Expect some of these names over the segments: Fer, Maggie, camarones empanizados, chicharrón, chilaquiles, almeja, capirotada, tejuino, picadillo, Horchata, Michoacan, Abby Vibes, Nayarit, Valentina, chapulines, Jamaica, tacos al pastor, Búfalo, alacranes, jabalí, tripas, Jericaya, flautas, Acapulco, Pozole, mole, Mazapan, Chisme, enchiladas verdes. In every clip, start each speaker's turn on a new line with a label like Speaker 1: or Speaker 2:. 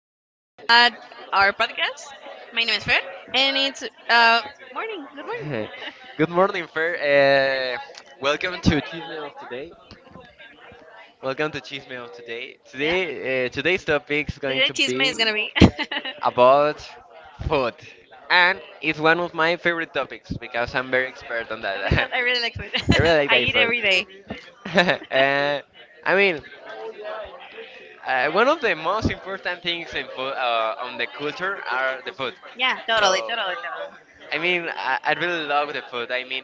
Speaker 1: again at our podcast. My name is Fer, and it's uh morning. Good morning.
Speaker 2: Good morning, Fer. Welcome to Chisme of today. Welcome to Chisme of today. Today,
Speaker 1: Yeah,
Speaker 2: today's topic is going
Speaker 1: today
Speaker 2: to
Speaker 1: chisme is
Speaker 2: be
Speaker 1: gonna be, because
Speaker 2: about food, and it's one of my favorite topics because I'm very expert on that.
Speaker 1: I really like food.
Speaker 2: I really like
Speaker 1: I
Speaker 2: that
Speaker 1: eat
Speaker 2: food.
Speaker 1: every day.
Speaker 2: uh, I mean, one of the most important things in food, on the culture are the food.
Speaker 1: Yeah, totally,
Speaker 2: So,
Speaker 1: totally,
Speaker 2: I mean, I really love the food. I mean,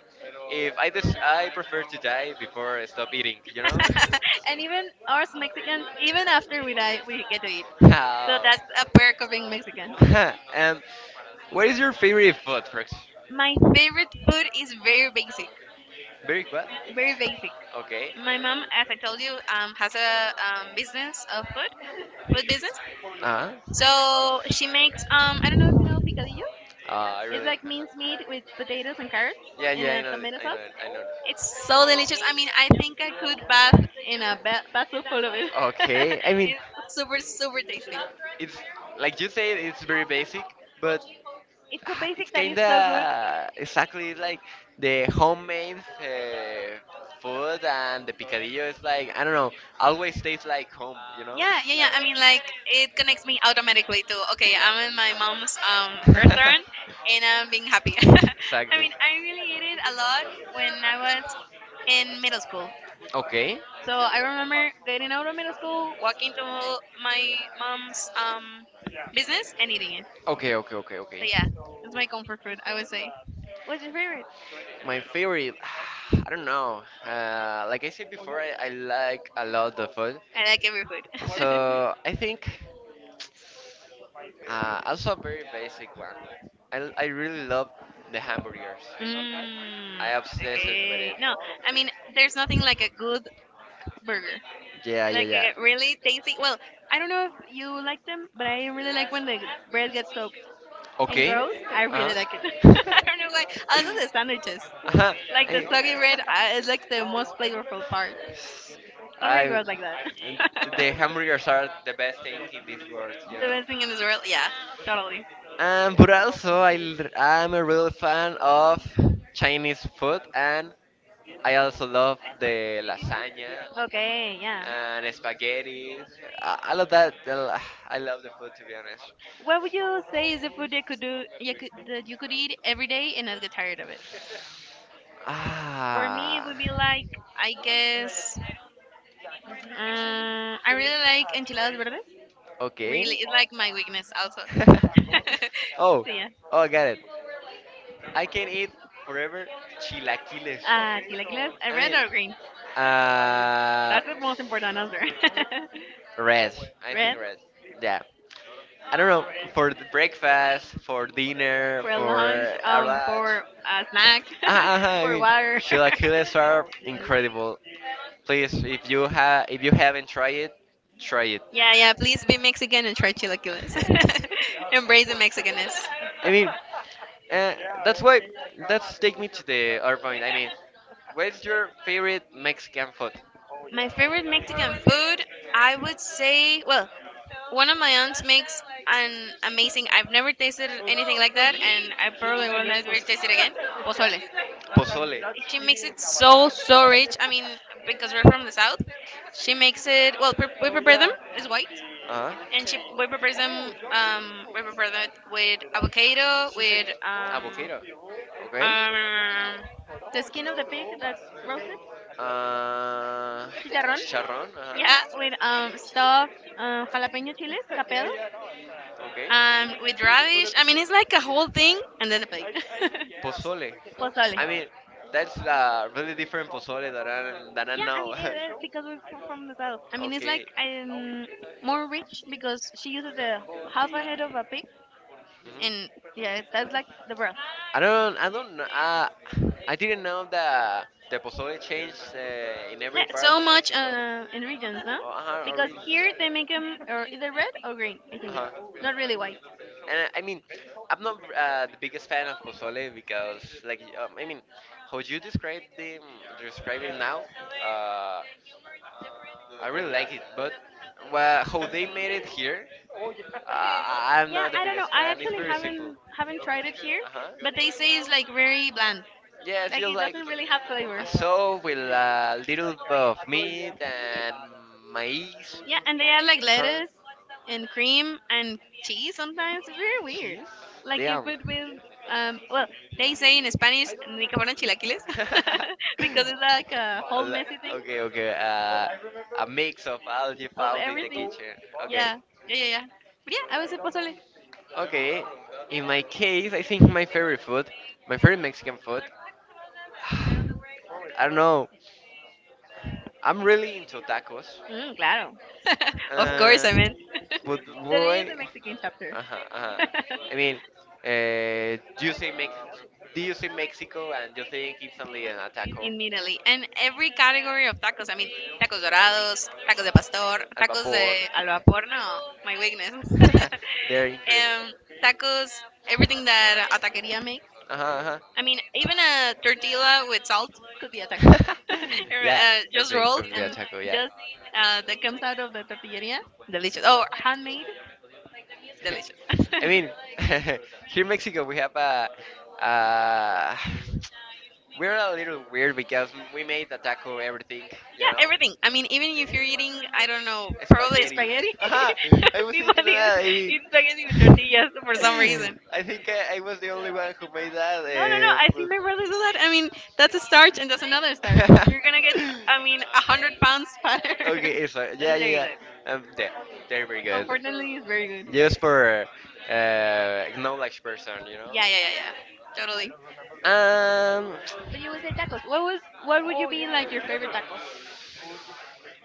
Speaker 2: if I just, I prefer to die before I stop eating, you know?
Speaker 1: totally. And even us Mexicans, even after we die, we get to eat. So
Speaker 2: How?
Speaker 1: that's a perk of being Mexican.
Speaker 2: And what is your favorite food, Frex?
Speaker 1: My favorite food is very basic,
Speaker 2: Very what?
Speaker 1: very basic.
Speaker 2: Okay.
Speaker 1: My mom, as I told you, has a business of food, food business.
Speaker 2: Uh-huh.
Speaker 1: So she makes I don't know if you know picadillo.
Speaker 2: I
Speaker 1: It's
Speaker 2: really.
Speaker 1: like
Speaker 2: Uh-huh.
Speaker 1: minced meat with potatoes and carrots
Speaker 2: Yeah,
Speaker 1: in
Speaker 2: yeah, I
Speaker 1: a
Speaker 2: know it.
Speaker 1: tomato
Speaker 2: I know
Speaker 1: sauce.
Speaker 2: it. I know it.
Speaker 1: It's so delicious. I mean, I think I could bath in a bath full of it.
Speaker 2: Okay. I mean,
Speaker 1: It's super, super tasty.
Speaker 2: it's like you said, it's very basic, but
Speaker 1: It's so
Speaker 2: ah,
Speaker 1: basic
Speaker 2: it's
Speaker 1: that it's so good.
Speaker 2: kinda exactly it's like the homemade food, and the picadillo is like, I don't know, always tastes like home, you know?
Speaker 1: Yeah, yeah, yeah. I mean, like it connects me automatically to okay, I'm in my mom's restaurant and I'm being happy. I
Speaker 2: Exactly.
Speaker 1: mean, I really ate it a lot when I was in middle school.
Speaker 2: Okay.
Speaker 1: So I remember getting out of middle school, walking to my mom's business and eating it.
Speaker 2: Okay, okay, okay,
Speaker 1: So
Speaker 2: okay.
Speaker 1: yeah, it's my comfort food, I would say. What's your favorite?
Speaker 2: My favorite, I don't know. Like I said before, I like a lot the food.
Speaker 1: I like every food.
Speaker 2: So I think also a very basic one. I really love the hamburgers.
Speaker 1: Mm,
Speaker 2: I obsessed with
Speaker 1: okay.
Speaker 2: it.
Speaker 1: No, I mean, there's nothing like a good burger.
Speaker 2: Yeah, yeah,
Speaker 1: Like
Speaker 2: yeah.
Speaker 1: they really tasty. Well, I don't know if you like them, but I really like when the bread gets soaked and
Speaker 2: Okay.
Speaker 1: grows. I really
Speaker 2: Uh
Speaker 1: like it.
Speaker 2: huh.
Speaker 1: I don't know why. Also the sandwiches,
Speaker 2: uh
Speaker 1: like the soggy bread, is like the most flavorful part. I'm really
Speaker 2: I,
Speaker 1: gross like
Speaker 2: I,
Speaker 1: that.
Speaker 2: the hamburgers are the best thing in this world, you
Speaker 1: The
Speaker 2: know.
Speaker 1: best thing in this world, yeah, totally.
Speaker 2: But also I l- I'm a real fan of Chinese food, and I also love the lasagna
Speaker 1: Okay, yeah.
Speaker 2: and spaghetti. I love that. I lo- I love the food to be honest.
Speaker 1: What would you say is the food that could do you could, that you could eat every day and not get tired of it? For me, it
Speaker 2: Ah,
Speaker 1: would be like I guess, I really like enchiladas verdes. Really,
Speaker 2: okay.
Speaker 1: it's like my weakness also.
Speaker 2: oh,
Speaker 1: So yeah.
Speaker 2: oh, I got it. I can eat forever chilaquiles.
Speaker 1: Chilaquiles,
Speaker 2: I
Speaker 1: red
Speaker 2: mean,
Speaker 1: or green?
Speaker 2: uh,
Speaker 1: That's the most important answer.
Speaker 2: red. I
Speaker 1: Red
Speaker 2: think red. Yeah. I don't know, for the breakfast, for dinner,
Speaker 1: for
Speaker 2: for
Speaker 1: lunch,
Speaker 2: our lunch.
Speaker 1: for snacks,
Speaker 2: Ah, ah, ah, I
Speaker 1: for
Speaker 2: mean,
Speaker 1: water.
Speaker 2: chilaquiles are incredible. Please, if you have if you haven't tried it, try it.
Speaker 1: Yeah, yeah. Please be Mexican and try chilaquiles. Embrace the Mexicanness.
Speaker 2: I mean. Uh, that's why. That's take me to the other point. I mean, what's your favorite Mexican food?
Speaker 1: My favorite Mexican food, I would say, well, one of my aunts makes an amazing. I've never tasted anything like that, and I probably will never taste it again. Pozole.
Speaker 2: Pozole.
Speaker 1: She makes it so so rich. I mean, because we're from the south, she makes it. Well, we prepare them is white,
Speaker 2: Uh huh.
Speaker 1: and she we prepare them. We prepare that with avocado, with
Speaker 2: Avocado. Okay.
Speaker 1: um, the skin of the pig that's roasted,
Speaker 2: Uh,
Speaker 1: chicharrón,
Speaker 2: chicharrón. Uh
Speaker 1: yeah,
Speaker 2: huh.
Speaker 1: with stuffed, jalapeno chiles, capel,
Speaker 2: Okay.
Speaker 1: um, with radish. I mean, it's like a whole thing, and then the plate.
Speaker 2: Pozole.
Speaker 1: Pozole.
Speaker 2: I mean, that's a really different pozole that that I
Speaker 1: Yeah, I
Speaker 2: know.
Speaker 1: mean, it is because we're from the south. I mean, it's like
Speaker 2: Okay.
Speaker 1: more rich because she uses the half a head of a pig,
Speaker 2: Mhm.
Speaker 1: and yeah, that's like the broth.
Speaker 2: I don't, I don't, I didn't know that the pozole changed in every
Speaker 1: Yeah,
Speaker 2: part
Speaker 1: so
Speaker 2: of
Speaker 1: much
Speaker 2: Mexico.
Speaker 1: in regions, no?
Speaker 2: Oh, uh-huh,
Speaker 1: Because
Speaker 2: origins.
Speaker 1: here they make them or either red or green, I think.
Speaker 2: Uh-huh.
Speaker 1: Not really white.
Speaker 2: And I mean, I'm not the biggest fan of pozole because, like, I mean, how you describe them, describe it now, uh, I really like it. But well, how they made it here, uh, I'm
Speaker 1: Yeah,
Speaker 2: not the
Speaker 1: I don't know.
Speaker 2: biggest
Speaker 1: I
Speaker 2: fan. It's
Speaker 1: actually
Speaker 2: very simple.
Speaker 1: haven't tried it here,
Speaker 2: Uh
Speaker 1: but they say it's
Speaker 2: huh.
Speaker 1: like very bland.
Speaker 2: Yeah, it
Speaker 1: Like
Speaker 2: feels
Speaker 1: it
Speaker 2: like
Speaker 1: doesn't really have flavor.
Speaker 2: a soup with a little bit of meat and maize
Speaker 1: Yeah, and they add like
Speaker 2: and corn.
Speaker 1: lettuce and cream and cheese sometimes. It's very weird.
Speaker 2: Cheese?
Speaker 1: Like if
Speaker 2: Damn.
Speaker 1: it with um, well they say in Spanish, ni que fueran chilaquiles, because it's like a
Speaker 2: A
Speaker 1: whole
Speaker 2: lo-
Speaker 1: messy thing
Speaker 2: okay, okay. A mix of algae
Speaker 1: of
Speaker 2: found in the
Speaker 1: everything.
Speaker 2: kitchen. Okay.
Speaker 1: Yeah, yeah, yeah, yeah. But yeah, I was a pozole.
Speaker 2: Okay. In my case, I think my favorite food, my favorite Mexican food, I don't know. I'm really into tacos.
Speaker 1: Mm, claro. Of course,
Speaker 2: Uh,
Speaker 1: I mean.
Speaker 2: but
Speaker 1: Then I use
Speaker 2: why?
Speaker 1: the Mexican chapter.
Speaker 2: Uh-huh, uh-huh. I mean, do you say Mex? Do you say Mexico and you think instantly an taco,
Speaker 1: Immediately. And every category of tacos. I mean, tacos dorados, tacos de pastor, tacos
Speaker 2: vapor?
Speaker 1: de al vapor. No, my weakness.
Speaker 2: They're incredible.
Speaker 1: Um, tacos, everything that a taqueria make.
Speaker 2: Uh-huh, uh-huh.
Speaker 1: I mean, even a tortilla with salt could be a taco.
Speaker 2: Yeah,
Speaker 1: Uh, just
Speaker 2: everything
Speaker 1: rolled
Speaker 2: comes with a
Speaker 1: and
Speaker 2: taco. Yeah.
Speaker 1: just that comes out of the tortilleria, delicious. Oh, handmade, delicious.
Speaker 2: I mean,
Speaker 1: Yeah,
Speaker 2: here in Mexico we have a, uh, we're a little weird because we made the taco everything, you know,
Speaker 1: everything. I mean, even if you're eating, I don't know, probably
Speaker 2: spaghetti.
Speaker 1: spaghetti.
Speaker 2: Aha! I was
Speaker 1: People
Speaker 2: thinking of
Speaker 1: eat,
Speaker 2: that. I mean,
Speaker 1: eat spaghetti with tortillas for some reason.
Speaker 2: I think I was the only one who made that.
Speaker 1: No, no, no. I think my brother do that. I mean, that's a starch and that's another starch.
Speaker 2: But
Speaker 1: You're gonna get, I mean, 100 pounds fatter.
Speaker 2: okay, it's fine.
Speaker 1: But
Speaker 2: Yeah,
Speaker 1: it's very
Speaker 2: yeah,
Speaker 1: good.
Speaker 2: yeah. There we go.
Speaker 1: Unfortunately, it's very good.
Speaker 2: Just for acknowledged person, you know.
Speaker 1: Yeah, yeah, yeah, yeah. Totally.
Speaker 2: Um,
Speaker 1: But you would say tacos. What was what would you be like your favorite tacos?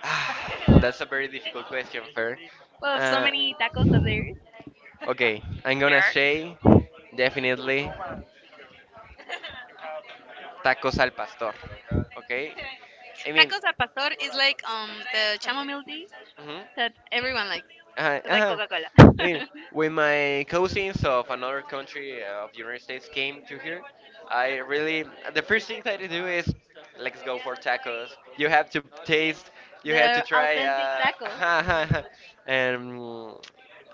Speaker 2: that's a very difficult question, Fer.
Speaker 1: Well, so
Speaker 2: Uh,
Speaker 1: many tacos that there is.
Speaker 2: okay, I'm
Speaker 1: There
Speaker 2: gonna
Speaker 1: are.
Speaker 2: say definitely tacos al pastor. Okay? I mean,
Speaker 1: Tacos al pastor is like the chamomile tea
Speaker 2: mhm.
Speaker 1: that everyone likes.
Speaker 2: Uh-huh,
Speaker 1: It's like
Speaker 2: uh-huh.
Speaker 1: Coca Cola.
Speaker 2: I mean, when my cousins of another country of the United States came to here, I really the first thing that I do is let's go for tacos. You have to taste, you have to
Speaker 1: The
Speaker 2: try.
Speaker 1: authentic taco.
Speaker 2: And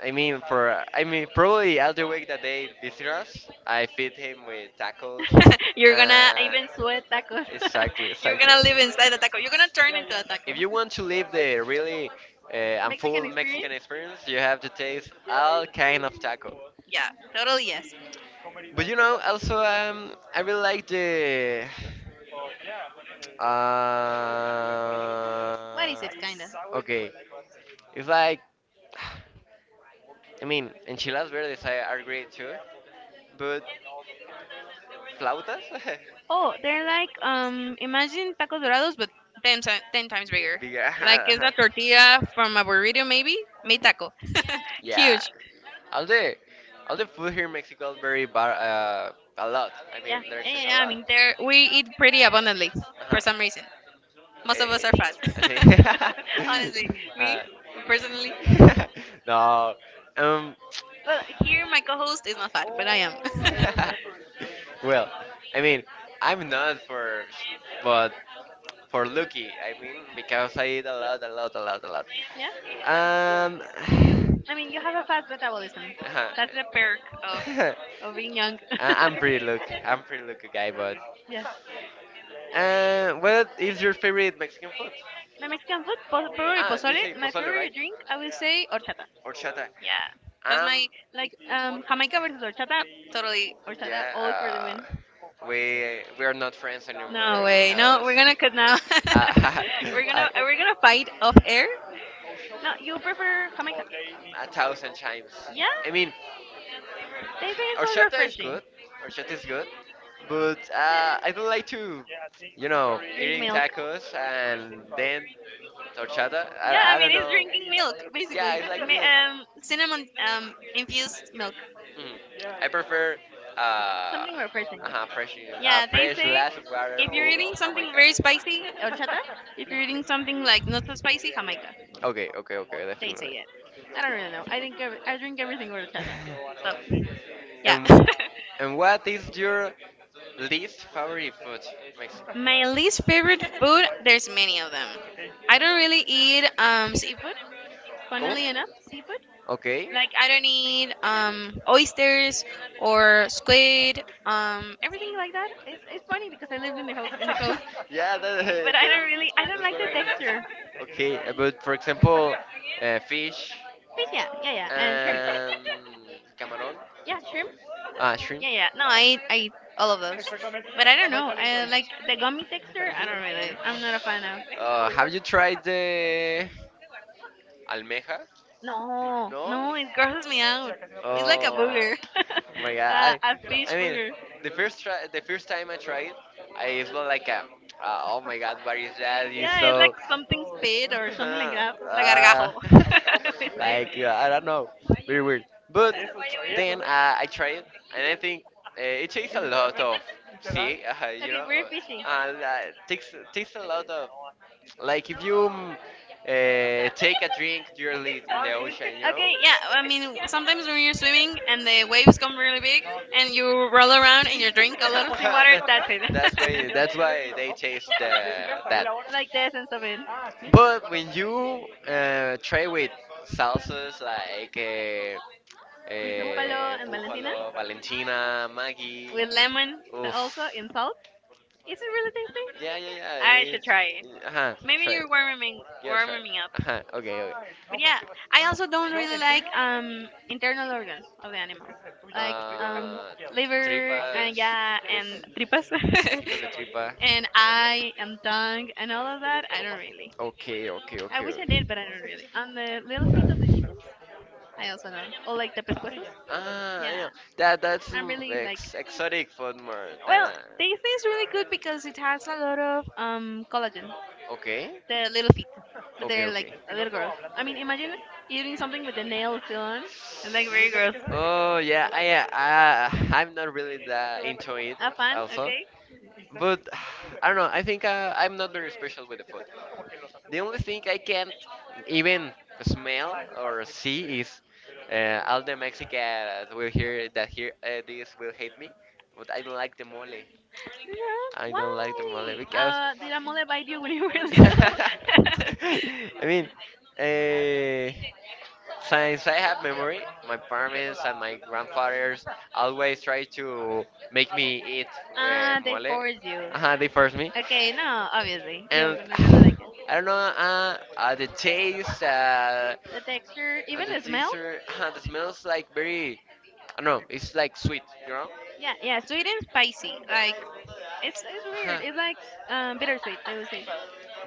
Speaker 2: I mean, for I mean, probably all the week that they visit us, I feed him with tacos.
Speaker 1: You're gonna
Speaker 2: Uh,
Speaker 1: even sweat tacos.
Speaker 2: exactly,
Speaker 1: You're gonna
Speaker 2: exactly.
Speaker 1: live inside a taco. You're gonna turn into a taco.
Speaker 2: If you want to live the really and
Speaker 1: Mexican
Speaker 2: full Mexican
Speaker 1: experience?
Speaker 2: experience, you have to taste all kind of taco.
Speaker 1: Yeah, totally yes.
Speaker 2: But you know, also I really like the. Uh,
Speaker 1: What is it, kinda?
Speaker 2: okay, it's like I mean enchiladas verdes are great too, but flautas
Speaker 1: Oh, they're like imagine tacos dorados but 10, 10 times bigger.
Speaker 2: bigger.
Speaker 1: Like it's a tortilla from a burrito maybe, made taco.
Speaker 2: Yeah,
Speaker 1: Huge.
Speaker 2: all the all the food here in Mexico is very bar a lot. I mean,
Speaker 1: Yeah,
Speaker 2: there's
Speaker 1: yeah,
Speaker 2: just
Speaker 1: yeah,
Speaker 2: a
Speaker 1: yeah. I
Speaker 2: lot.
Speaker 1: mean, they're we eat pretty abundantly for
Speaker 2: Uh-huh.
Speaker 1: some reason. Most of us are
Speaker 2: Eh,
Speaker 1: fat.
Speaker 2: I think.
Speaker 1: Honestly, me
Speaker 2: uh,
Speaker 1: personally.
Speaker 2: no. Um.
Speaker 1: Well, here my co-host is not fat, but I am. Yeah.
Speaker 2: Well, I mean, I'm not for, but for lucky. I mean, because I eat a lot, a lot, a lot, a lot. Um.
Speaker 1: I mean, you have a fast metabolism.
Speaker 2: Uh-huh.
Speaker 1: That's the perk of
Speaker 2: I-
Speaker 1: being young.
Speaker 2: I'm pretty look. I'm pretty look guy, but.
Speaker 1: Yeah.
Speaker 2: What is your favorite Mexican food?
Speaker 1: My Mexican food, probably
Speaker 2: Ah, you
Speaker 1: pozole.
Speaker 2: say
Speaker 1: My
Speaker 2: pozole, right?
Speaker 1: favorite drink, I will say horchata.
Speaker 2: Horchata.
Speaker 1: Yeah, that's my
Speaker 2: Um,
Speaker 1: like Jamaica versus horchata. Totally horchata,
Speaker 2: yeah.
Speaker 1: all for the win.
Speaker 2: We are not friends anymore
Speaker 1: No way. No,
Speaker 2: because
Speaker 1: we're gonna cut now.
Speaker 2: uh,
Speaker 1: we're gonna
Speaker 2: I
Speaker 1: we're gonna fight off air. No, you prefer Jamaica?
Speaker 2: a thousand times.
Speaker 1: Yeah,
Speaker 2: I mean,
Speaker 1: they say it's more
Speaker 2: horchata is
Speaker 1: refreshing.
Speaker 2: good. Horchata is good, but I don't like to, you know,
Speaker 1: Drink
Speaker 2: eating
Speaker 1: milk.
Speaker 2: tacos and then horchata.
Speaker 1: Yeah, I
Speaker 2: I
Speaker 1: mean
Speaker 2: don't
Speaker 1: it's
Speaker 2: know.
Speaker 1: drinking milk basically.
Speaker 2: Yeah, it's like
Speaker 1: Ma-
Speaker 2: milk.
Speaker 1: um, cinnamon infused milk.
Speaker 2: Mm. I prefer uh,
Speaker 1: Something refreshing.
Speaker 2: fresh,
Speaker 1: Yeah, they
Speaker 2: fresh
Speaker 1: say
Speaker 2: glass of water
Speaker 1: if you're
Speaker 2: full
Speaker 1: eating
Speaker 2: of
Speaker 1: something very
Speaker 2: Jamaica.
Speaker 1: spicy, horchata. If you're eating something like not so spicy, jamaica.
Speaker 2: Okay, okay, okay,
Speaker 1: They say
Speaker 2: definitely.
Speaker 1: it. I don't really know. I think I drink everything with horchata. So yeah.
Speaker 2: and and what is your least favorite food, Mexican?
Speaker 1: My least favorite food. There's many of them. I don't really eat seafood.
Speaker 2: ¿Cómo?
Speaker 1: Funnily enough.
Speaker 2: Okay.
Speaker 1: Like I don't need oysters or squid, everything like that. It's funny because I lived in the in the coast,
Speaker 2: Yeah,
Speaker 1: but I don't
Speaker 2: that's
Speaker 1: like
Speaker 2: what
Speaker 1: the
Speaker 2: I'm going to say.
Speaker 1: texture.
Speaker 2: Okay, but for example, fish.
Speaker 1: Fish, yeah, yeah, yeah, and shrimp.
Speaker 2: And camarón,
Speaker 1: Yeah, shrimp.
Speaker 2: ah, shrimp.
Speaker 1: Yeah, yeah. No, I eat all of those. But I don't know. I like the gummy texture. I
Speaker 2: Hmm.
Speaker 1: don't really like. I'm not. A,
Speaker 2: Have you tried the almeja?
Speaker 1: no,
Speaker 2: No.
Speaker 1: no, it grosses me out. It's like a
Speaker 2: Oh
Speaker 1: booger,
Speaker 2: my god!
Speaker 1: a fish
Speaker 2: I mean,
Speaker 1: booger. It's
Speaker 2: the first try, the first time I tried, I was like, a, oh my god, what is that? It's
Speaker 1: like
Speaker 2: so
Speaker 1: something pit or something like
Speaker 2: huh,
Speaker 1: that. La
Speaker 2: uh,
Speaker 1: gargajo, they say.
Speaker 2: like I don't know, very weird. But then I try it, and I think it takes a lot of see, you
Speaker 1: Okay,
Speaker 2: know,
Speaker 1: we're fishing.
Speaker 2: uh, and, uh, takes a lot of, like if you mm, take a drink directly in the ocean, you know.
Speaker 1: Okay, yeah. I mean, sometimes when you're swimming and the waves come really big No, and you roll around and you drink a lot of seawater,
Speaker 2: That-
Speaker 1: that's it.
Speaker 2: that's why they taste the, that.
Speaker 1: Like the essence of it.
Speaker 2: But when you try with salsas like.
Speaker 1: Fue el Buffalo and Valentina
Speaker 2: Búfalo, Valentina, Maggie.
Speaker 1: with lemon also
Speaker 2: Oof.
Speaker 1: in salt. Is it really tasty?
Speaker 2: Yeah, yeah,
Speaker 1: I
Speaker 2: yeah.
Speaker 1: should
Speaker 2: It's,
Speaker 1: try it.
Speaker 2: ajá,
Speaker 1: Maybe
Speaker 2: try it.
Speaker 1: you're warming
Speaker 2: Yeah, try it.
Speaker 1: warming up.
Speaker 2: Ajá, okay, okay.
Speaker 1: But yeah, I also don't really like internal organ of the animal, like
Speaker 2: Uh,
Speaker 1: liver and
Speaker 2: tripas.
Speaker 1: yeah
Speaker 2: Oof.
Speaker 1: and tripas,
Speaker 2: Taquitos de tripa.
Speaker 1: and eye and tongue and all of that. I don't really.
Speaker 2: Okay, okay,
Speaker 1: I
Speaker 2: okay.
Speaker 1: wish I did,
Speaker 2: Ok.
Speaker 1: but I don't really. On the little feet of chicken, I also don't. Or like the pescuezo.
Speaker 2: Ah, I
Speaker 1: Yeah,
Speaker 2: know. That's
Speaker 1: I'm really like.
Speaker 2: ex exotic food more than
Speaker 1: Well, they taste really good because it has a lot of collagen.
Speaker 2: okay,
Speaker 1: They're little feet, but
Speaker 2: okay,
Speaker 1: they're like
Speaker 2: okay.
Speaker 1: a little girls. I mean, imagine eating something with the nail still on. It's like very gross.
Speaker 2: Oh yeah, I I'm not really that into it
Speaker 1: Have fun,
Speaker 2: also,
Speaker 1: okay?
Speaker 2: but I don't know. I think I'm not very special with the food. The only thing I can't even smell or see is all the Mexicans will hear that here this will hate me. But I don't like the mole.
Speaker 1: Yes,
Speaker 2: I
Speaker 1: why?
Speaker 2: don't like the mole because
Speaker 1: Did a mole bite you when you were little?
Speaker 2: I mean, uh, since I have memory, my parents and my grandfathers always try to make me eat
Speaker 1: Ah, they
Speaker 2: mole.
Speaker 1: forced you.
Speaker 2: Uh-huh, they force me.
Speaker 1: Okay, no, obviously. You're
Speaker 2: And
Speaker 1: not gonna like it.
Speaker 2: I don't know, the taste
Speaker 1: The texture,
Speaker 2: and
Speaker 1: even
Speaker 2: the
Speaker 1: the smell?
Speaker 2: texture, the smells like very, I don't know, it's like sweet, you know.
Speaker 1: Yeah, yeah, sweet and spicy. Like, it's weird.
Speaker 2: Huh.
Speaker 1: It's like bittersweet, I would say.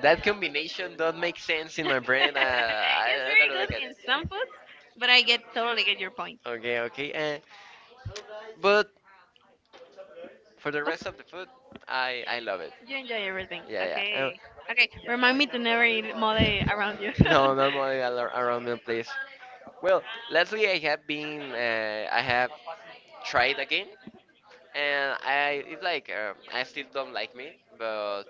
Speaker 2: That combination don't make sense in my brain.
Speaker 1: It's
Speaker 2: I
Speaker 1: very
Speaker 2: don't
Speaker 1: good
Speaker 2: like it.
Speaker 1: in some foods, but I get totally get your point.
Speaker 2: Okay, okay. But for the
Speaker 1: Hope
Speaker 2: rest of the food, I love it.
Speaker 1: you enjoy everything.
Speaker 2: Yeah, yeah.
Speaker 1: Okay. Okay. Remind me to never eat mole around you.
Speaker 2: No, not money around me, please. Well, lately I have been, I have try it again. And I, it's like I still don't like me, but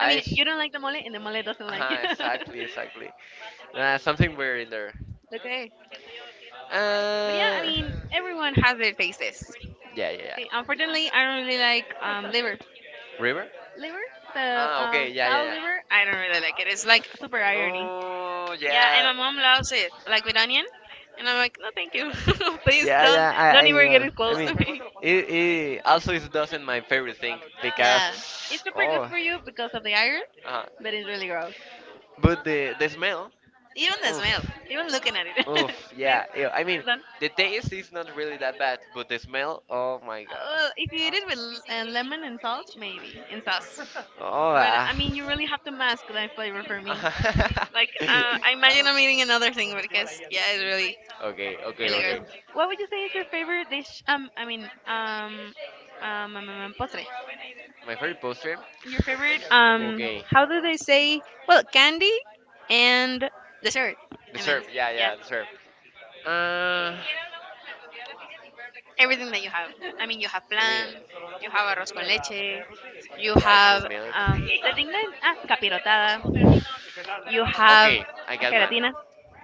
Speaker 1: I mean,
Speaker 2: s-
Speaker 1: you don't like the mole, and the mole doesn't like you.
Speaker 2: exactly, exactly, something weird in there.
Speaker 1: Okay. But yeah, I
Speaker 2: Uh,
Speaker 1: mean, everyone has their tastes.
Speaker 2: yeah, yeah,
Speaker 1: See,
Speaker 2: yeah.
Speaker 1: unfortunately, I don't really like liver.
Speaker 2: River?
Speaker 1: Liver? The
Speaker 2: Ah, okay, yeah, yeah,
Speaker 1: cow
Speaker 2: yeah.
Speaker 1: liver? I don't really like it. It's like super irony.
Speaker 2: Oh,
Speaker 1: Yeah, and
Speaker 2: yeah,
Speaker 1: my mom loves it, like with onion. And I'm like, no, thank you. Please
Speaker 2: yeah, yeah.
Speaker 1: don't even get it
Speaker 2: I
Speaker 1: close to
Speaker 2: mean,
Speaker 1: me.
Speaker 2: it also is doesn't my favorite thing
Speaker 1: Yeah,
Speaker 2: because,
Speaker 1: it's super good
Speaker 2: oh,
Speaker 1: for you because of the iron,
Speaker 2: uh,
Speaker 1: but it's really gross.
Speaker 2: but the smell,
Speaker 1: Even the smell,
Speaker 2: oof.
Speaker 1: even looking at it.
Speaker 2: Oof,
Speaker 1: Please
Speaker 2: yeah. Ew. I mean,
Speaker 1: don't.
Speaker 2: the taste is not really that bad, but the smell, oh my god.
Speaker 1: If you eat it with lemon and salt, maybe and sauce.
Speaker 2: Oh,
Speaker 1: But
Speaker 2: ah.
Speaker 1: I mean, you really have to mask that flavor for me. Like,
Speaker 2: Okay,
Speaker 1: I imagine I'm eating another thing because yeah, it's really.
Speaker 2: okay,
Speaker 1: And the
Speaker 2: okay.
Speaker 1: girl, what would you say is your favorite dish? Postre.
Speaker 2: My favorite poster?
Speaker 1: Your favorite,
Speaker 2: Okay.
Speaker 1: how do they say? Well, candy and dessert.
Speaker 2: The
Speaker 1: I mean,
Speaker 2: syrup, yeah,
Speaker 1: yeah,
Speaker 2: yeah, the syrup. Uh,
Speaker 1: everything that you have. I mean, you have
Speaker 2: I mean,
Speaker 1: plan, you have arroz con leche, you
Speaker 2: rice
Speaker 1: have
Speaker 2: with milk.
Speaker 1: um, the thing that capirotada. You have
Speaker 2: Okay, I got one.
Speaker 1: gelatina.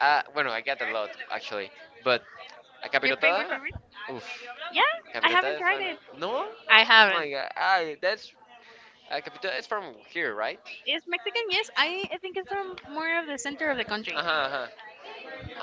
Speaker 2: Bueno, I got a lot, actually. But, a
Speaker 1: Your favorite
Speaker 2: capirotada?
Speaker 1: favorite?
Speaker 2: Oof.
Speaker 1: Yeah, I
Speaker 2: Capirotada
Speaker 1: haven't
Speaker 2: is
Speaker 1: tried
Speaker 2: one.
Speaker 1: it.
Speaker 2: No?
Speaker 1: I
Speaker 2: Oh
Speaker 1: haven't.
Speaker 2: my god. Ah, that's Capital is from here, right?
Speaker 1: It's Mexican, yes. I think it's from more of the center of the country.
Speaker 2: Uh huh. Uh-huh, uh-huh.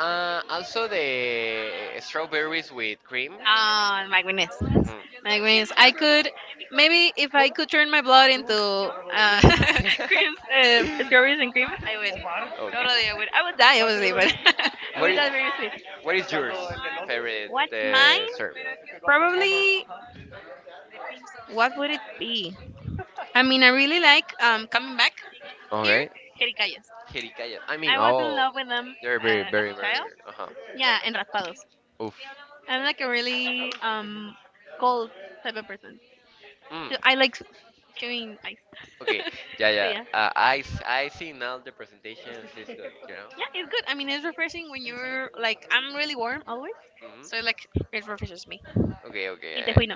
Speaker 2: Also the strawberries with cream.
Speaker 1: Ah, my goodness.
Speaker 2: Mhm.
Speaker 1: My goodness. I could, maybe if I could turn my blood into cream, strawberries and cream, I would. Totally,
Speaker 2: Okay.
Speaker 1: I would. I would die, obviously, but I
Speaker 2: What
Speaker 1: would
Speaker 2: is,
Speaker 1: die very sweet.
Speaker 2: what is yours favorite
Speaker 1: What's mine?
Speaker 2: syrup?
Speaker 1: Probably, what would it be? I mean, I really like coming back here,
Speaker 2: Okay.
Speaker 1: Jericayas.
Speaker 2: Jericaya. I mean,
Speaker 1: I was in
Speaker 2: oh,
Speaker 1: love with them
Speaker 2: they're very,
Speaker 1: as
Speaker 2: very,
Speaker 1: a
Speaker 2: very.
Speaker 1: child.
Speaker 2: Uh huh.
Speaker 1: Yeah, and raspados.
Speaker 2: Oof.
Speaker 1: I'm like a really cold type of person.
Speaker 2: Mm.
Speaker 1: So I like chewing ice.
Speaker 2: Okay, yeah,
Speaker 1: so
Speaker 2: yeah.
Speaker 1: yeah,
Speaker 2: I s- I see now the presentations is good, you know.
Speaker 1: yeah, it's good. I mean, it's refreshing when you're like I'm really warm always,
Speaker 2: Hmm.
Speaker 1: so like it refreshes me.
Speaker 2: Okay, okay.
Speaker 1: In Tejuino,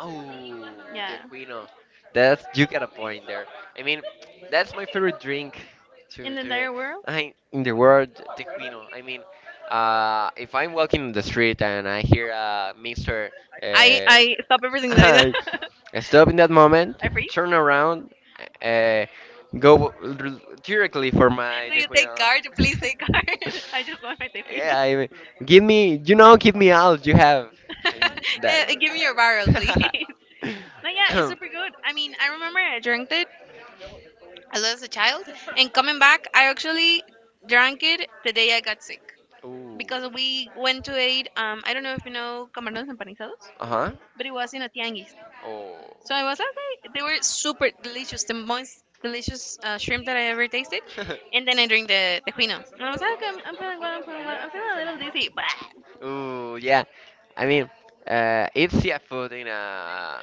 Speaker 2: Oh, the
Speaker 1: yeah.
Speaker 2: Quino. That's you got a point there. I mean, that's my favorite drink
Speaker 1: In the
Speaker 2: to
Speaker 1: entire world?
Speaker 2: I in the world, the I mean, if I'm walking in the street and I hear Mr.
Speaker 1: I
Speaker 2: Uh,
Speaker 1: stop everything that I do.
Speaker 2: Stop in that moment,
Speaker 1: I freeze.
Speaker 2: turn around, uh, go r- directly for my
Speaker 1: Do you take
Speaker 2: tejuino.
Speaker 1: card? Please take card. I just want my tequila.
Speaker 2: Yeah, I mean, give me, you know, give me all you have, and that.
Speaker 1: Give me your barrel, please. No, yeah, it's super good. I mean, I remember I drank it a lot as a child, and coming back, I actually drank it the day I got sick,
Speaker 2: Ooh.
Speaker 1: because we went to eat. I don't know if you know camarones empanizados,
Speaker 2: Uh huh.
Speaker 1: but it was in a tianguis.
Speaker 2: Oh.
Speaker 1: So I was like, okay. They were super delicious, the most delicious shrimp that I ever tasted. And then I drink the tequino. And I was like, okay, I'm feeling well, I'm feeling well, I'm feeling a little dizzy. But
Speaker 2: Ooh, yeah. I mean, it's seafood in a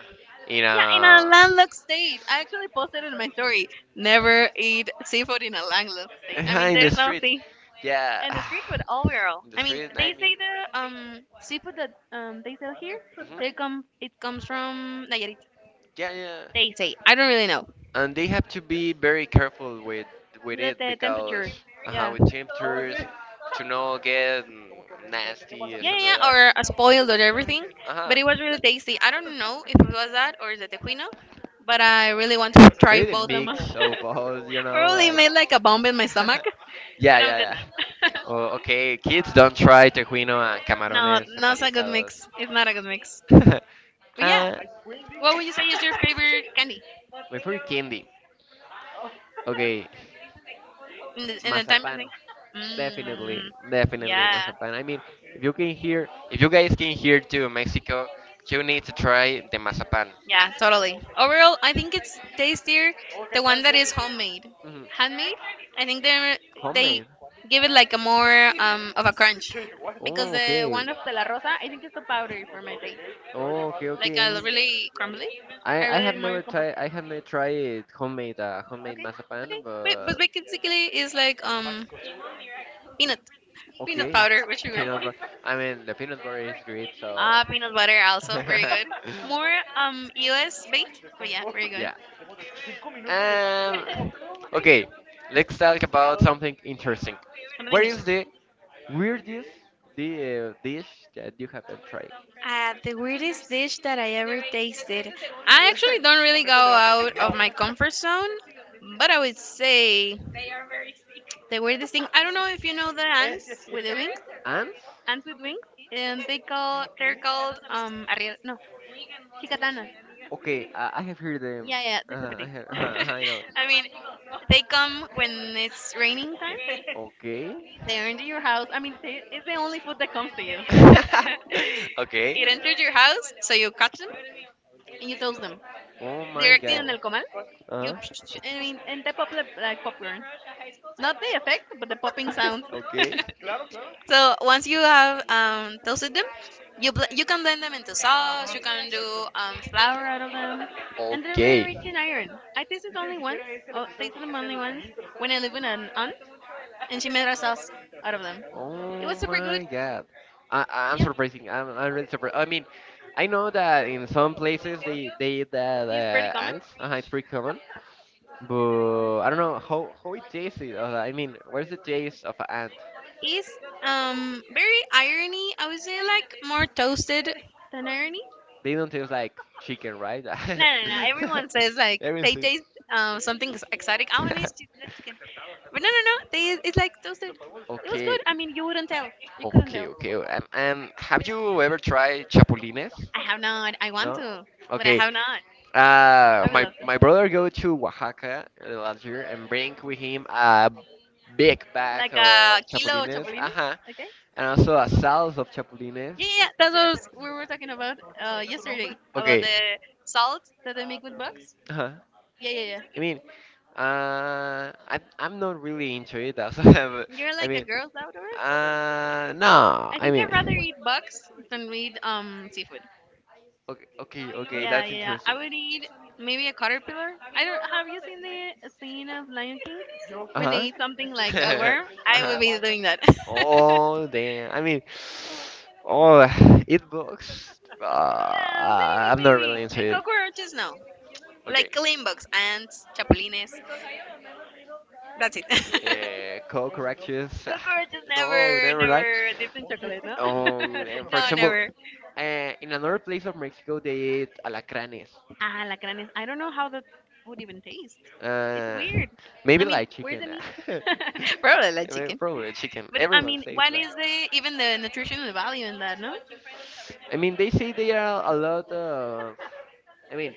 Speaker 2: in
Speaker 1: yeah, in
Speaker 2: a
Speaker 1: a landlocked state. I actually posted it in my story. Never eat seafood in a landlocked state. I mean,
Speaker 2: in the
Speaker 1: there's no
Speaker 2: street.
Speaker 1: sea.
Speaker 2: Yeah.
Speaker 1: And the street food overall.
Speaker 2: In the
Speaker 1: I mean,
Speaker 2: street,
Speaker 1: they
Speaker 2: I mean,
Speaker 1: say the seafood that they sell here,
Speaker 2: hmm,
Speaker 1: they come it comes from Nayarit.
Speaker 2: yeah, yeah,
Speaker 1: Taste. Say, I don't really know.
Speaker 2: and they have to be very careful with
Speaker 1: The,
Speaker 2: it
Speaker 1: the
Speaker 2: because
Speaker 1: temperature. Yeah.
Speaker 2: with temperatures to not get mm, nasty or
Speaker 1: Yeah, yeah,
Speaker 2: something like
Speaker 1: yeah,
Speaker 2: that.
Speaker 1: or a spoiled or everything.
Speaker 2: Uh
Speaker 1: But
Speaker 2: huh.
Speaker 1: it was really tasty. I don't know if it was that or the tequino, but I really want to try
Speaker 2: Maybe the
Speaker 1: both of them.
Speaker 2: mix of both, you know,
Speaker 1: Probably
Speaker 2: like.
Speaker 1: made like a bomb in my stomach, but
Speaker 2: yeah,
Speaker 1: I'm good
Speaker 2: yeah, yeah.
Speaker 1: now.
Speaker 2: Oh, okay, kids, don't try tejuino and
Speaker 1: no,
Speaker 2: camarones
Speaker 1: not a good
Speaker 2: empanizados.
Speaker 1: mix. It's not a good mix. But yeah,
Speaker 2: uh,
Speaker 1: what would you say is your favorite candy
Speaker 2: my favorite candy. Okay.
Speaker 1: in the time of
Speaker 2: Mazapan.
Speaker 1: thing? Mm,
Speaker 2: Definitely, definitely
Speaker 1: yeah.
Speaker 2: Mazapan. I mean, if you can hear, if you guys came here to Mexico, you need to try the mazapan.
Speaker 1: Yeah, totally. Overall, I think it's tastier the one that is homemade.
Speaker 2: Mhm,
Speaker 1: Handmade, I think they
Speaker 2: homemade.
Speaker 1: give it like a more of a crunch because
Speaker 2: Oh,
Speaker 1: the
Speaker 2: okay.
Speaker 1: one of de la rosa, I think it's too powdery for my taste.
Speaker 2: Oh, okay,
Speaker 1: Like
Speaker 2: okay. I
Speaker 1: a
Speaker 2: mean,
Speaker 1: really crumbly. I
Speaker 2: I have
Speaker 1: really more
Speaker 2: never
Speaker 1: compact.
Speaker 2: tried. I have never tried homemade homemade
Speaker 1: Okay, okay.
Speaker 2: mazapan,
Speaker 1: Wait, but
Speaker 2: but
Speaker 1: basically it's like peanut peanut
Speaker 2: okay.
Speaker 1: powder with sugar.
Speaker 2: Peanut butter. I mean, the peanut butter is great, so
Speaker 1: Ah, peanut butter also very good. More U.S. baked, but yeah, very good.
Speaker 2: yeah. Um, okay, let's talk about something interesting.
Speaker 1: I'm an.
Speaker 2: Where is the Weirdest the dish that you have ever tried?
Speaker 1: The weirdest dish that I ever tasted. I actually don't really go out of my comfort zone, but I would say the weirdest thing. I don't know if you know the ants with the wings,
Speaker 2: Ants?
Speaker 1: ants with wings. They're called arri- no, chicatanas.
Speaker 2: Okay, I have heard them.
Speaker 1: Yeah, yeah, they're super
Speaker 2: I
Speaker 1: tasty.
Speaker 2: have, I know.
Speaker 1: I mean, they come when it's raining time.
Speaker 2: Okay.
Speaker 1: They enter your house. I mean, they, it's the only food that comes to you.
Speaker 2: okay.
Speaker 1: it enters your house, so you catch them and you toast them
Speaker 2: Oh my
Speaker 1: directly
Speaker 2: god.
Speaker 1: on el comal. You,
Speaker 2: Uh huh.
Speaker 1: psh- I mean, and the pop like popcorn, not the effect, but the popping sound.
Speaker 2: okay.
Speaker 1: so once you have toasted them, you bl- you can blend them into sauce. You can do flour out of them, and they're very
Speaker 2: Okay.
Speaker 1: rich in iron. I tasted only once. Oh, tasted them only once when I lived with an aunt, and she made a sauce out of them. It
Speaker 2: Oh
Speaker 1: was super good.
Speaker 2: my god. I I'm
Speaker 1: Yeah,
Speaker 2: surprising. I'm really surprised. I mean, I know that in some places they eat that
Speaker 1: it's pretty common.
Speaker 2: ants. It's pretty common. But I don't know how it tastes. I mean, where's the taste of an ant?
Speaker 1: Is very irony. I would say like more toasted than irony.
Speaker 2: They don't taste like chicken, right?
Speaker 1: No, no, no. Everyone says like they
Speaker 2: Everything.
Speaker 1: taste something ex- exotic. I want to taste the chicken. But no, no, no. They it's like toasted. It was
Speaker 2: Okay,
Speaker 1: good. I mean, you wouldn't tell. You couldn't
Speaker 2: okay,
Speaker 1: tell.
Speaker 2: okay. Have you ever tried chapulines?
Speaker 1: I have not. I want
Speaker 2: No?
Speaker 1: to, but I
Speaker 2: Okay.
Speaker 1: have not.
Speaker 2: Uh,
Speaker 1: I would
Speaker 2: my
Speaker 1: love to.
Speaker 2: my brother go to Oaxaca last year and bring with him a big bag
Speaker 1: Like a
Speaker 2: of
Speaker 1: kilo of
Speaker 2: chapulines.
Speaker 1: chapulines.
Speaker 2: Uh-huh.
Speaker 1: Okay.
Speaker 2: And also a salad of chapulines.
Speaker 1: Yeah, yeah, yeah, that's what I was- we were talking about yesterday about
Speaker 2: Okay.
Speaker 1: the salt that they make with bugs.
Speaker 2: Uh-huh.
Speaker 1: Yeah, yeah, yeah.
Speaker 2: I mean, I'm not really into it. That's why
Speaker 1: You're
Speaker 2: I
Speaker 1: like a
Speaker 2: mean,
Speaker 1: girl's outdoor.
Speaker 2: no.
Speaker 1: I
Speaker 2: I
Speaker 1: think I'd rather
Speaker 2: mean,
Speaker 1: eat bugs than eat seafood.
Speaker 2: okay, okay, okay.
Speaker 1: Yeah, yeah,
Speaker 2: That's
Speaker 1: yeah.
Speaker 2: interesting.
Speaker 1: I would need maybe a caterpillar. I don't. Have you seen the scene of Lion King
Speaker 2: Uh
Speaker 1: when they
Speaker 2: huh.
Speaker 1: eat something like a worm?
Speaker 2: uh
Speaker 1: I
Speaker 2: huh.
Speaker 1: would be doing that. yeah,
Speaker 2: Oh damn. I mean, oh, it books.
Speaker 1: maybe,
Speaker 2: I'm not
Speaker 1: maybe.
Speaker 2: really into
Speaker 1: And
Speaker 2: it.
Speaker 1: cockroaches, no.
Speaker 2: Okay.
Speaker 1: Like clean bugs, ants, chapulines. That's it. cockroaches
Speaker 2: Co-corrections. No,
Speaker 1: never,
Speaker 2: never right.
Speaker 1: never dipped in chocolate, no?
Speaker 2: Oh, and for
Speaker 1: no,
Speaker 2: example,
Speaker 1: never.
Speaker 2: in another place of Mexico, they eat alacranes.
Speaker 1: Ah, lacranes. I don't know how that would even taste. It's
Speaker 2: Uh,
Speaker 1: weird.
Speaker 2: maybe
Speaker 1: I mean,
Speaker 2: like
Speaker 1: where's
Speaker 2: chicken.
Speaker 1: the meat? Probably like
Speaker 2: Maybe-
Speaker 1: chicken.
Speaker 2: Probably chicken.
Speaker 1: But I
Speaker 2: Everyone
Speaker 1: mean,
Speaker 2: says
Speaker 1: what
Speaker 2: that.
Speaker 1: is the even the nutritional value in that, no?
Speaker 2: I mean, they say they are a lot of. I mean,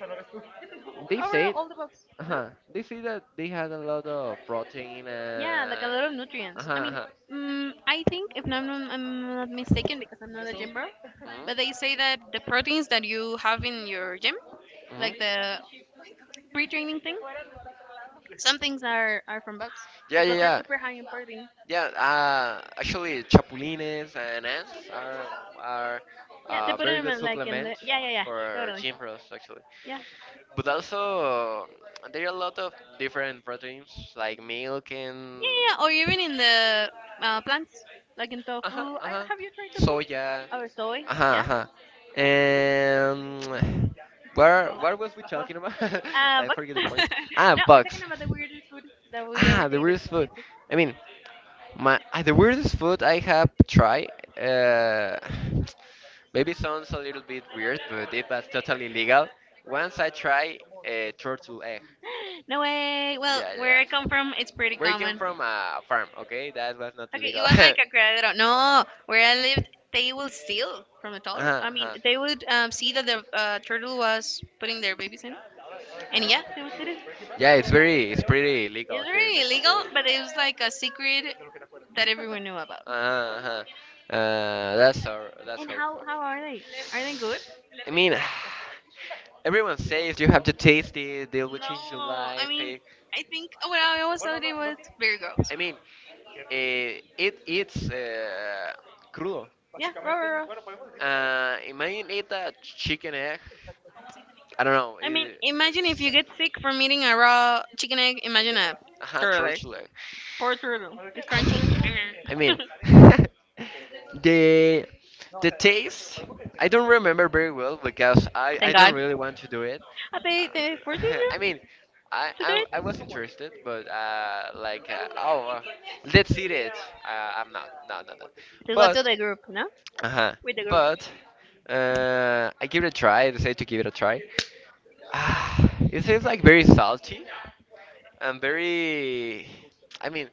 Speaker 2: they
Speaker 1: Overall,
Speaker 2: say,
Speaker 1: all the box,
Speaker 2: uh
Speaker 1: no?
Speaker 2: huh. They say that they had a lot of protein. Uh
Speaker 1: Yeah, like a lot of
Speaker 2: huh.
Speaker 1: nutrients.
Speaker 2: Uh-huh.
Speaker 1: I mean,
Speaker 2: Uh-huh.
Speaker 1: I think if I'm not mistaken, because I'm not a gym bro,
Speaker 2: Mhm,
Speaker 1: but they say that the proteins that you have in your gym,
Speaker 2: mhm.
Speaker 1: like the pre-training thing, some things are from bugs,
Speaker 2: Yeah, yeah, yeah.
Speaker 1: super high in protein.
Speaker 2: Yeah, actually, chapulines and ants are are
Speaker 1: Yeah, they
Speaker 2: uh,
Speaker 1: put
Speaker 2: very
Speaker 1: them
Speaker 2: good
Speaker 1: in, like in the
Speaker 2: supplement
Speaker 1: yeah yeah yeah
Speaker 2: for
Speaker 1: totally
Speaker 2: gym bros, actually.
Speaker 1: yeah yeah
Speaker 2: But also, there are a lot of different proteins like milk and
Speaker 1: yeah yeah, or even in the plants like in tofu.
Speaker 2: uh-huh,
Speaker 1: I,
Speaker 2: uh-huh,
Speaker 1: have you tried tofu
Speaker 2: soya,
Speaker 1: or soy?
Speaker 2: uh-huh,
Speaker 1: Yeah.
Speaker 2: uh-huh. And where was we talking about? I
Speaker 1: But
Speaker 2: forget the point. Ah,
Speaker 1: no, we're
Speaker 2: bugs.
Speaker 1: talking about the weirdest food that we ever
Speaker 2: Ah, the
Speaker 1: tasted.
Speaker 2: weirdest food. I mean, my the weirdest food I have tried. Uh, maybe sounds a little bit weird, but it was totally legal. Once I tried a turtle egg.
Speaker 1: No way. Well,
Speaker 2: Yeah, yeah.
Speaker 1: where I come
Speaker 2: yeah.
Speaker 1: from, it's pretty
Speaker 2: Where he came
Speaker 1: common.
Speaker 2: from a farm, okay? That was not
Speaker 1: Okay, it
Speaker 2: legal.
Speaker 1: was
Speaker 2: uh-huh,
Speaker 1: like a criadero. No, where I lived, they will steal from the toddler. I mean,
Speaker 2: uh-huh.
Speaker 1: they would see that the turtle was putting their babies in, and yeah, they would steal it.
Speaker 2: Yeah, it's very, it's pretty legal
Speaker 1: It's
Speaker 2: here in
Speaker 1: really illegal,
Speaker 2: Mexico.
Speaker 1: but it was like a secret that everyone knew about.
Speaker 2: Uh-huh, uh-huh. That's our, that's
Speaker 1: And
Speaker 2: how it works.
Speaker 1: how are they? Are they good?
Speaker 2: I mean, everyone says you have to taste it. They will change your
Speaker 1: No, I
Speaker 2: life.
Speaker 1: mean,
Speaker 2: Eh.
Speaker 1: I think what I always thought it was very gross.
Speaker 2: I mean, it's crudo.
Speaker 1: Yeah, raw, raw, raw.
Speaker 2: Imagine eat a chicken egg. I don't know,
Speaker 1: I mean, imagine if you get sick from eating a raw chicken egg. Imagine a turtle egg.
Speaker 2: turtle egg.
Speaker 1: Poor turtle. It's crunchy.
Speaker 2: I mean, the the taste. I don't remember very well because I
Speaker 1: Thank
Speaker 2: don't
Speaker 1: God.
Speaker 2: really want to do it.
Speaker 1: Ah, they
Speaker 2: Uh,
Speaker 1: forcing
Speaker 2: I
Speaker 1: you
Speaker 2: mean,
Speaker 1: to do
Speaker 2: I
Speaker 1: it
Speaker 2: was interested, but like oh, let's eat it. I'm not, no, no, no.
Speaker 1: to go to
Speaker 2: But
Speaker 1: the group, no?
Speaker 2: uh huh,
Speaker 1: With the group.
Speaker 2: but I give it a try. I decided to give it a try. Ah, it seems like very salty. I'm very. I mean,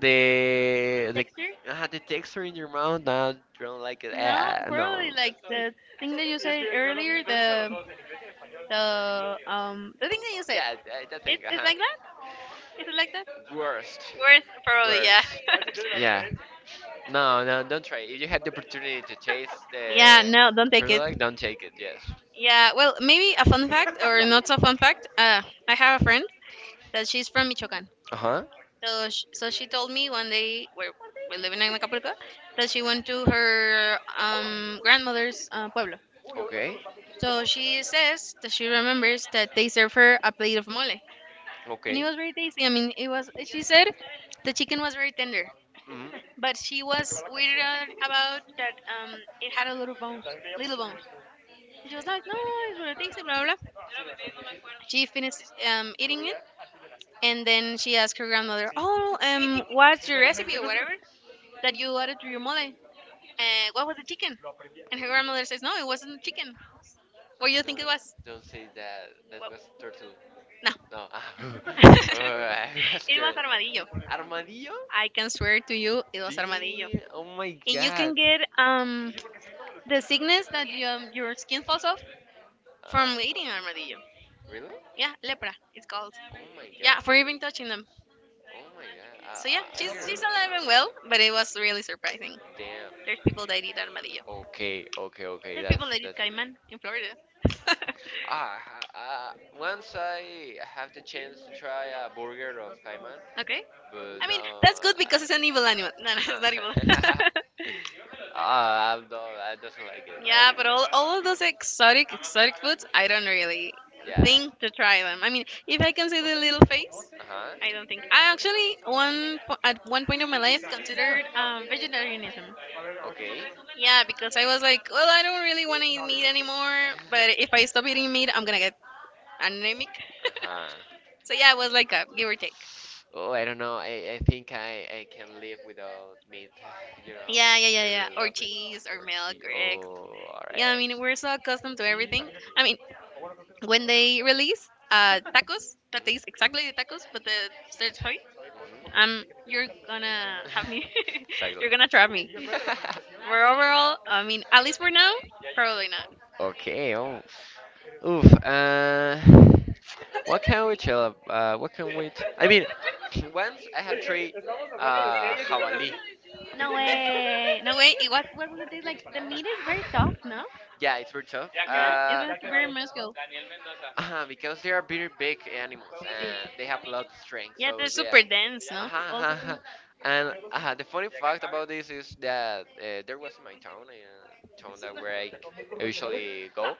Speaker 2: the the
Speaker 1: Texture?
Speaker 2: the texture in your mouth. Now you don't like it.
Speaker 1: No,
Speaker 2: No.
Speaker 1: probably like the thing that you said earlier. The thing that you said.
Speaker 2: Yeah, that, that thing.
Speaker 1: It is
Speaker 2: Uh-huh.
Speaker 1: like that. Is it like that?
Speaker 2: Worst.
Speaker 1: Worth probably yeah.
Speaker 2: Worst. Yeah. No, no, don't try. It. If you had the opportunity to taste
Speaker 1: yeah.
Speaker 2: the
Speaker 1: No, don't take
Speaker 2: turtle
Speaker 1: it.
Speaker 2: egg, don't take it. Yes.
Speaker 1: Yeah, well, maybe a fun fact or not so fun fact. I have a friend that she's from Michoacan.
Speaker 2: Uh huh.
Speaker 1: So, sh so she told me one day we're living in Acapulco that she went to her grandmother's pueblo.
Speaker 2: Okay.
Speaker 1: So she says that she remembers that they served her a plate of mole, and it
Speaker 2: Okay.
Speaker 1: was very tasty. I mean, it was. She said the chicken was very tender,
Speaker 2: Mm-hmm.
Speaker 1: but she was weird about that. It had a lot of bones, little bones. She was like, no, it's gonna take blah, blah, blah. She finished eating it, and then she asked her grandmother, oh, what's your recipe or whatever that you added to your mole? What was the chicken? And her grandmother says, no, it wasn't chicken. What do you
Speaker 2: Don't
Speaker 1: think it was?
Speaker 2: don't say that. That was turtle.
Speaker 1: Well, no.
Speaker 2: No. Ah, oh, I was
Speaker 1: it was
Speaker 2: scared.
Speaker 1: armadillo.
Speaker 2: Armadillo?
Speaker 1: I can swear to you, it was armadillo.
Speaker 2: Gee, oh my
Speaker 1: And you can
Speaker 2: god.
Speaker 1: get the sickness that your skin falls off from
Speaker 2: Uh,
Speaker 1: eating armadillo.
Speaker 2: really?
Speaker 1: Yeah, lepra, it's called.
Speaker 2: Oh my
Speaker 1: Yeah, for
Speaker 2: god.
Speaker 1: even touching them.
Speaker 2: Oh my god.
Speaker 1: So yeah,
Speaker 2: I
Speaker 1: she's
Speaker 2: can't
Speaker 1: she's alive and well,
Speaker 2: remember.
Speaker 1: but it was really surprising.
Speaker 2: Damn.
Speaker 1: There's people that eat armadillo.
Speaker 2: Okay, okay, okay.
Speaker 1: There's
Speaker 2: That's
Speaker 1: people that eat
Speaker 2: that's.
Speaker 1: caiman in Florida.
Speaker 2: Ah, uh, uh, once I have the chance to try a burger of Cayman,
Speaker 1: okay, I
Speaker 2: but
Speaker 1: mean
Speaker 2: no.
Speaker 1: that's good because it's an evil animal. No, no, it's not evil.
Speaker 2: Uh-huh. Ah, I don't. I doesn't like it.
Speaker 1: yeah, but all of those exotic exotic foods, I don't really
Speaker 2: Yeah.
Speaker 1: think to try them. I mean, if I can see the little face,
Speaker 2: Uh
Speaker 1: I don't
Speaker 2: huh.
Speaker 1: think. I actually one po- at one point of my life considered vegetarianism.
Speaker 2: Okay.
Speaker 1: Yeah, because I was like, well, I don't really want to eat meat anymore,
Speaker 2: uh
Speaker 1: but if I stop eating meat, I'm gonna get anemic.
Speaker 2: huh.
Speaker 1: So yeah, it was like a give or take.
Speaker 2: Oh, I don't know. I think I can live without meat. You
Speaker 1: Yeah, yeah,
Speaker 2: know,
Speaker 1: yeah,
Speaker 2: I
Speaker 1: yeah.
Speaker 2: really
Speaker 1: Or
Speaker 2: love it.
Speaker 1: cheese, or
Speaker 2: Or
Speaker 1: milk,
Speaker 2: cheese.
Speaker 1: or eggs.
Speaker 2: Oh, or
Speaker 1: Yeah, I
Speaker 2: eggs.
Speaker 1: mean, we're so accustomed to everything. I mean, when they release tacos, that taste exactly the tacos, but the third toy, you're gonna have me.
Speaker 2: Hmm. exactly.
Speaker 1: you're gonna trap me. But overall, I mean, at least for now, probably not.
Speaker 2: okay. Oh. Oof. What can we chill? What can we? I mean, once I have three. Hawali.
Speaker 1: No way. No way. It was, what was it? Like, the meat is very tough, no?
Speaker 2: Yeah, it's very tough.
Speaker 1: Yeah, it's like very muscular.
Speaker 2: Because they are very big animals and they have a lot of strength.
Speaker 1: Yeah, they're
Speaker 2: So yeah.
Speaker 1: super dense, no?
Speaker 2: Uh-huh, uh-huh.
Speaker 1: Also,
Speaker 2: Uh-huh.
Speaker 1: too.
Speaker 2: And the funny fact about this is that there was in my town, town that where usually go,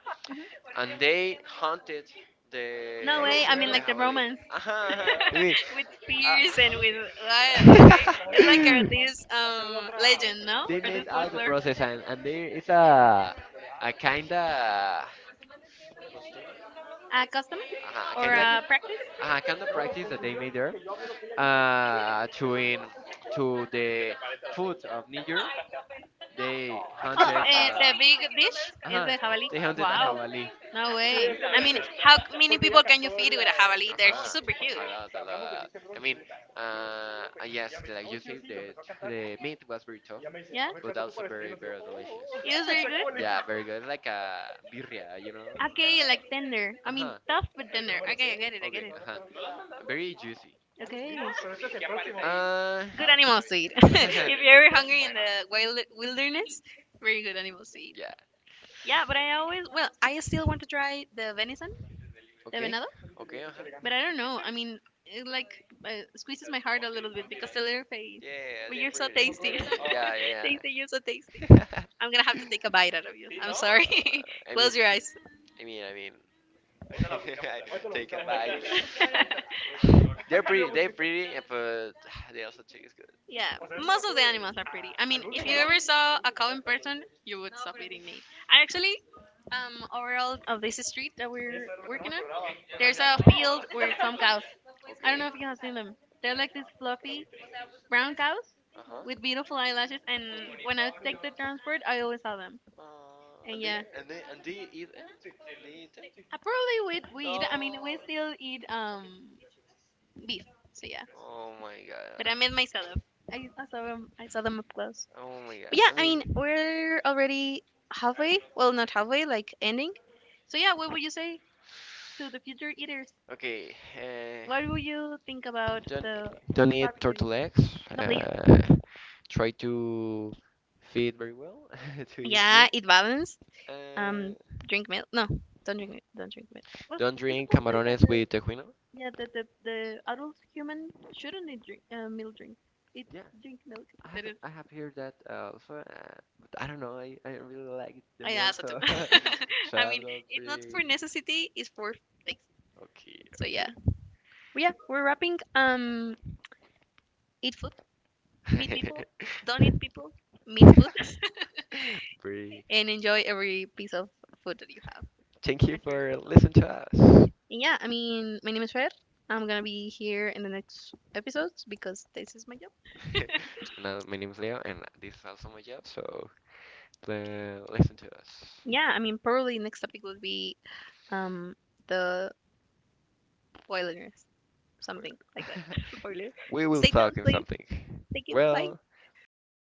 Speaker 2: and they hunted the
Speaker 1: No way. I mean,
Speaker 2: the
Speaker 1: like the
Speaker 2: javelin.
Speaker 1: Romans.
Speaker 2: Uh-huh, uh-huh. I mean,
Speaker 1: with spears and with what? Okay, it's like
Speaker 2: uh,
Speaker 1: this legend, no?
Speaker 2: they
Speaker 1: Or this
Speaker 2: made all the
Speaker 1: folklore,
Speaker 2: process and they it's a kinda uh,
Speaker 1: a custom
Speaker 2: a
Speaker 1: or
Speaker 2: kinda
Speaker 1: a practice?
Speaker 2: uh, kind of practice that they made there to in to the foot of Niger. They
Speaker 1: Oh,
Speaker 2: hunted
Speaker 1: eh, the
Speaker 2: uh,
Speaker 1: big dish is
Speaker 2: uh
Speaker 1: the jabalí.
Speaker 2: they hunted a
Speaker 1: Wow.
Speaker 2: javali.
Speaker 1: No way. I mean, how c- many people can you feed with a jabalí? They're
Speaker 2: Uh-huh.
Speaker 1: super
Speaker 2: A
Speaker 1: huge.
Speaker 2: lot, a lot, a lot. I mean, yes, like you said, the meat was very tough,
Speaker 1: Yeah? It
Speaker 2: but also very very delicious.
Speaker 1: was very good?
Speaker 2: Yeah, very good. Like a birria, you know.
Speaker 1: Okay, like tender. I
Speaker 2: Uh
Speaker 1: mean,
Speaker 2: huh.
Speaker 1: tough but tender. Okay, I get it, I get
Speaker 2: Okay.
Speaker 1: it.
Speaker 2: Uh huh. Very juicy.
Speaker 1: Okay.
Speaker 2: Uh.
Speaker 1: Good animal seed. if you're ever hungry in the wild wilderness, very good animal seed.
Speaker 2: yeah.
Speaker 1: Yeah, but I always, well, I still want to try the venison. De
Speaker 2: Okay.
Speaker 1: venado.
Speaker 2: Okay. Uh huh.
Speaker 1: But I don't know. I mean, it like squeezes my heart a little bit because the little face.
Speaker 2: Yeah,
Speaker 1: But
Speaker 2: they're
Speaker 1: you're so
Speaker 2: pretty.
Speaker 1: tasty.
Speaker 2: They're pretty. Yeah, yeah,
Speaker 1: tasty, you're so tasty.
Speaker 2: yeah.
Speaker 1: I'm gonna have to take a
Speaker 2: Uh,
Speaker 1: bite out of you. I'm sorry.
Speaker 2: I mean,
Speaker 1: Close your eyes.
Speaker 2: I mean. I take a bite. They're pretty. They're pretty, and but they also taste good.
Speaker 1: Yeah, most of the animals are pretty. I mean, if you ever saw a cow in person, you would stop eating meat. I actually, overall of this street that we're working on, there's a field with some cows. I don't
Speaker 2: Okay.
Speaker 1: know if you have seen them. They're like these fluffy brown cows,
Speaker 2: Uh huh.
Speaker 1: with beautiful eyelashes. And when I take the transport, I always saw them. And
Speaker 2: And they
Speaker 1: yeah,
Speaker 2: and they and they eat them. They eat them.
Speaker 1: I probably would
Speaker 2: No.
Speaker 1: weed. I mean, we still eat beef. So yeah,
Speaker 2: Oh my
Speaker 1: but I made
Speaker 2: god.
Speaker 1: myself. I saw them. I saw them up close.
Speaker 2: Oh my god.
Speaker 1: But yeah,
Speaker 2: I
Speaker 1: I mean,
Speaker 2: mean.
Speaker 1: we're already halfway. Well, not halfway, like ending. So yeah, what would you say to the future eaters?
Speaker 2: Okay,
Speaker 1: What would you think about
Speaker 2: don't
Speaker 1: the
Speaker 2: don't eat
Speaker 1: fabric?
Speaker 2: turtle eggs.
Speaker 1: No, please.
Speaker 2: Try to feed very well to eat.
Speaker 1: Yeah, eat balanced.
Speaker 2: Uh,
Speaker 1: Um, drink milk. No, don't drink. Don't drink milk. Well,
Speaker 2: don't
Speaker 1: it's a.
Speaker 2: drink camarones with tejuino.
Speaker 1: Yeah, the the adult human shouldn't need drink milk drink. It
Speaker 2: Yeah,
Speaker 1: drink milk. Said it.
Speaker 2: I have heard that also. But I don't know. I really like the
Speaker 1: I
Speaker 2: milk,
Speaker 1: also do.
Speaker 2: so so
Speaker 1: I
Speaker 2: I'm
Speaker 1: mean,
Speaker 2: not
Speaker 1: it's not for
Speaker 2: pretty.
Speaker 1: necessity. It's for things.
Speaker 2: Okay,
Speaker 1: So
Speaker 2: okay.
Speaker 1: yeah. But yeah, we're wrapping. Eat food, meet people. Don't eat people, meet food,
Speaker 2: Bree,
Speaker 1: and enjoy every piece of food that you have.
Speaker 2: thank you for listening to us.
Speaker 1: And yeah, I mean, my name is Fer. I'm gonna be here in the next episodes because this is my job.
Speaker 2: Now, my name is Leo, and this is also my job, so listen to us.
Speaker 1: Yeah, I mean, probably next topic would be um the wilderness. Something
Speaker 2: Spoiler.
Speaker 1: like that. Spoiler.
Speaker 2: We will
Speaker 1: Stay tuned,
Speaker 2: talk in
Speaker 1: please.
Speaker 2: something.
Speaker 1: Thank you. Bye.
Speaker 2: Well, bye.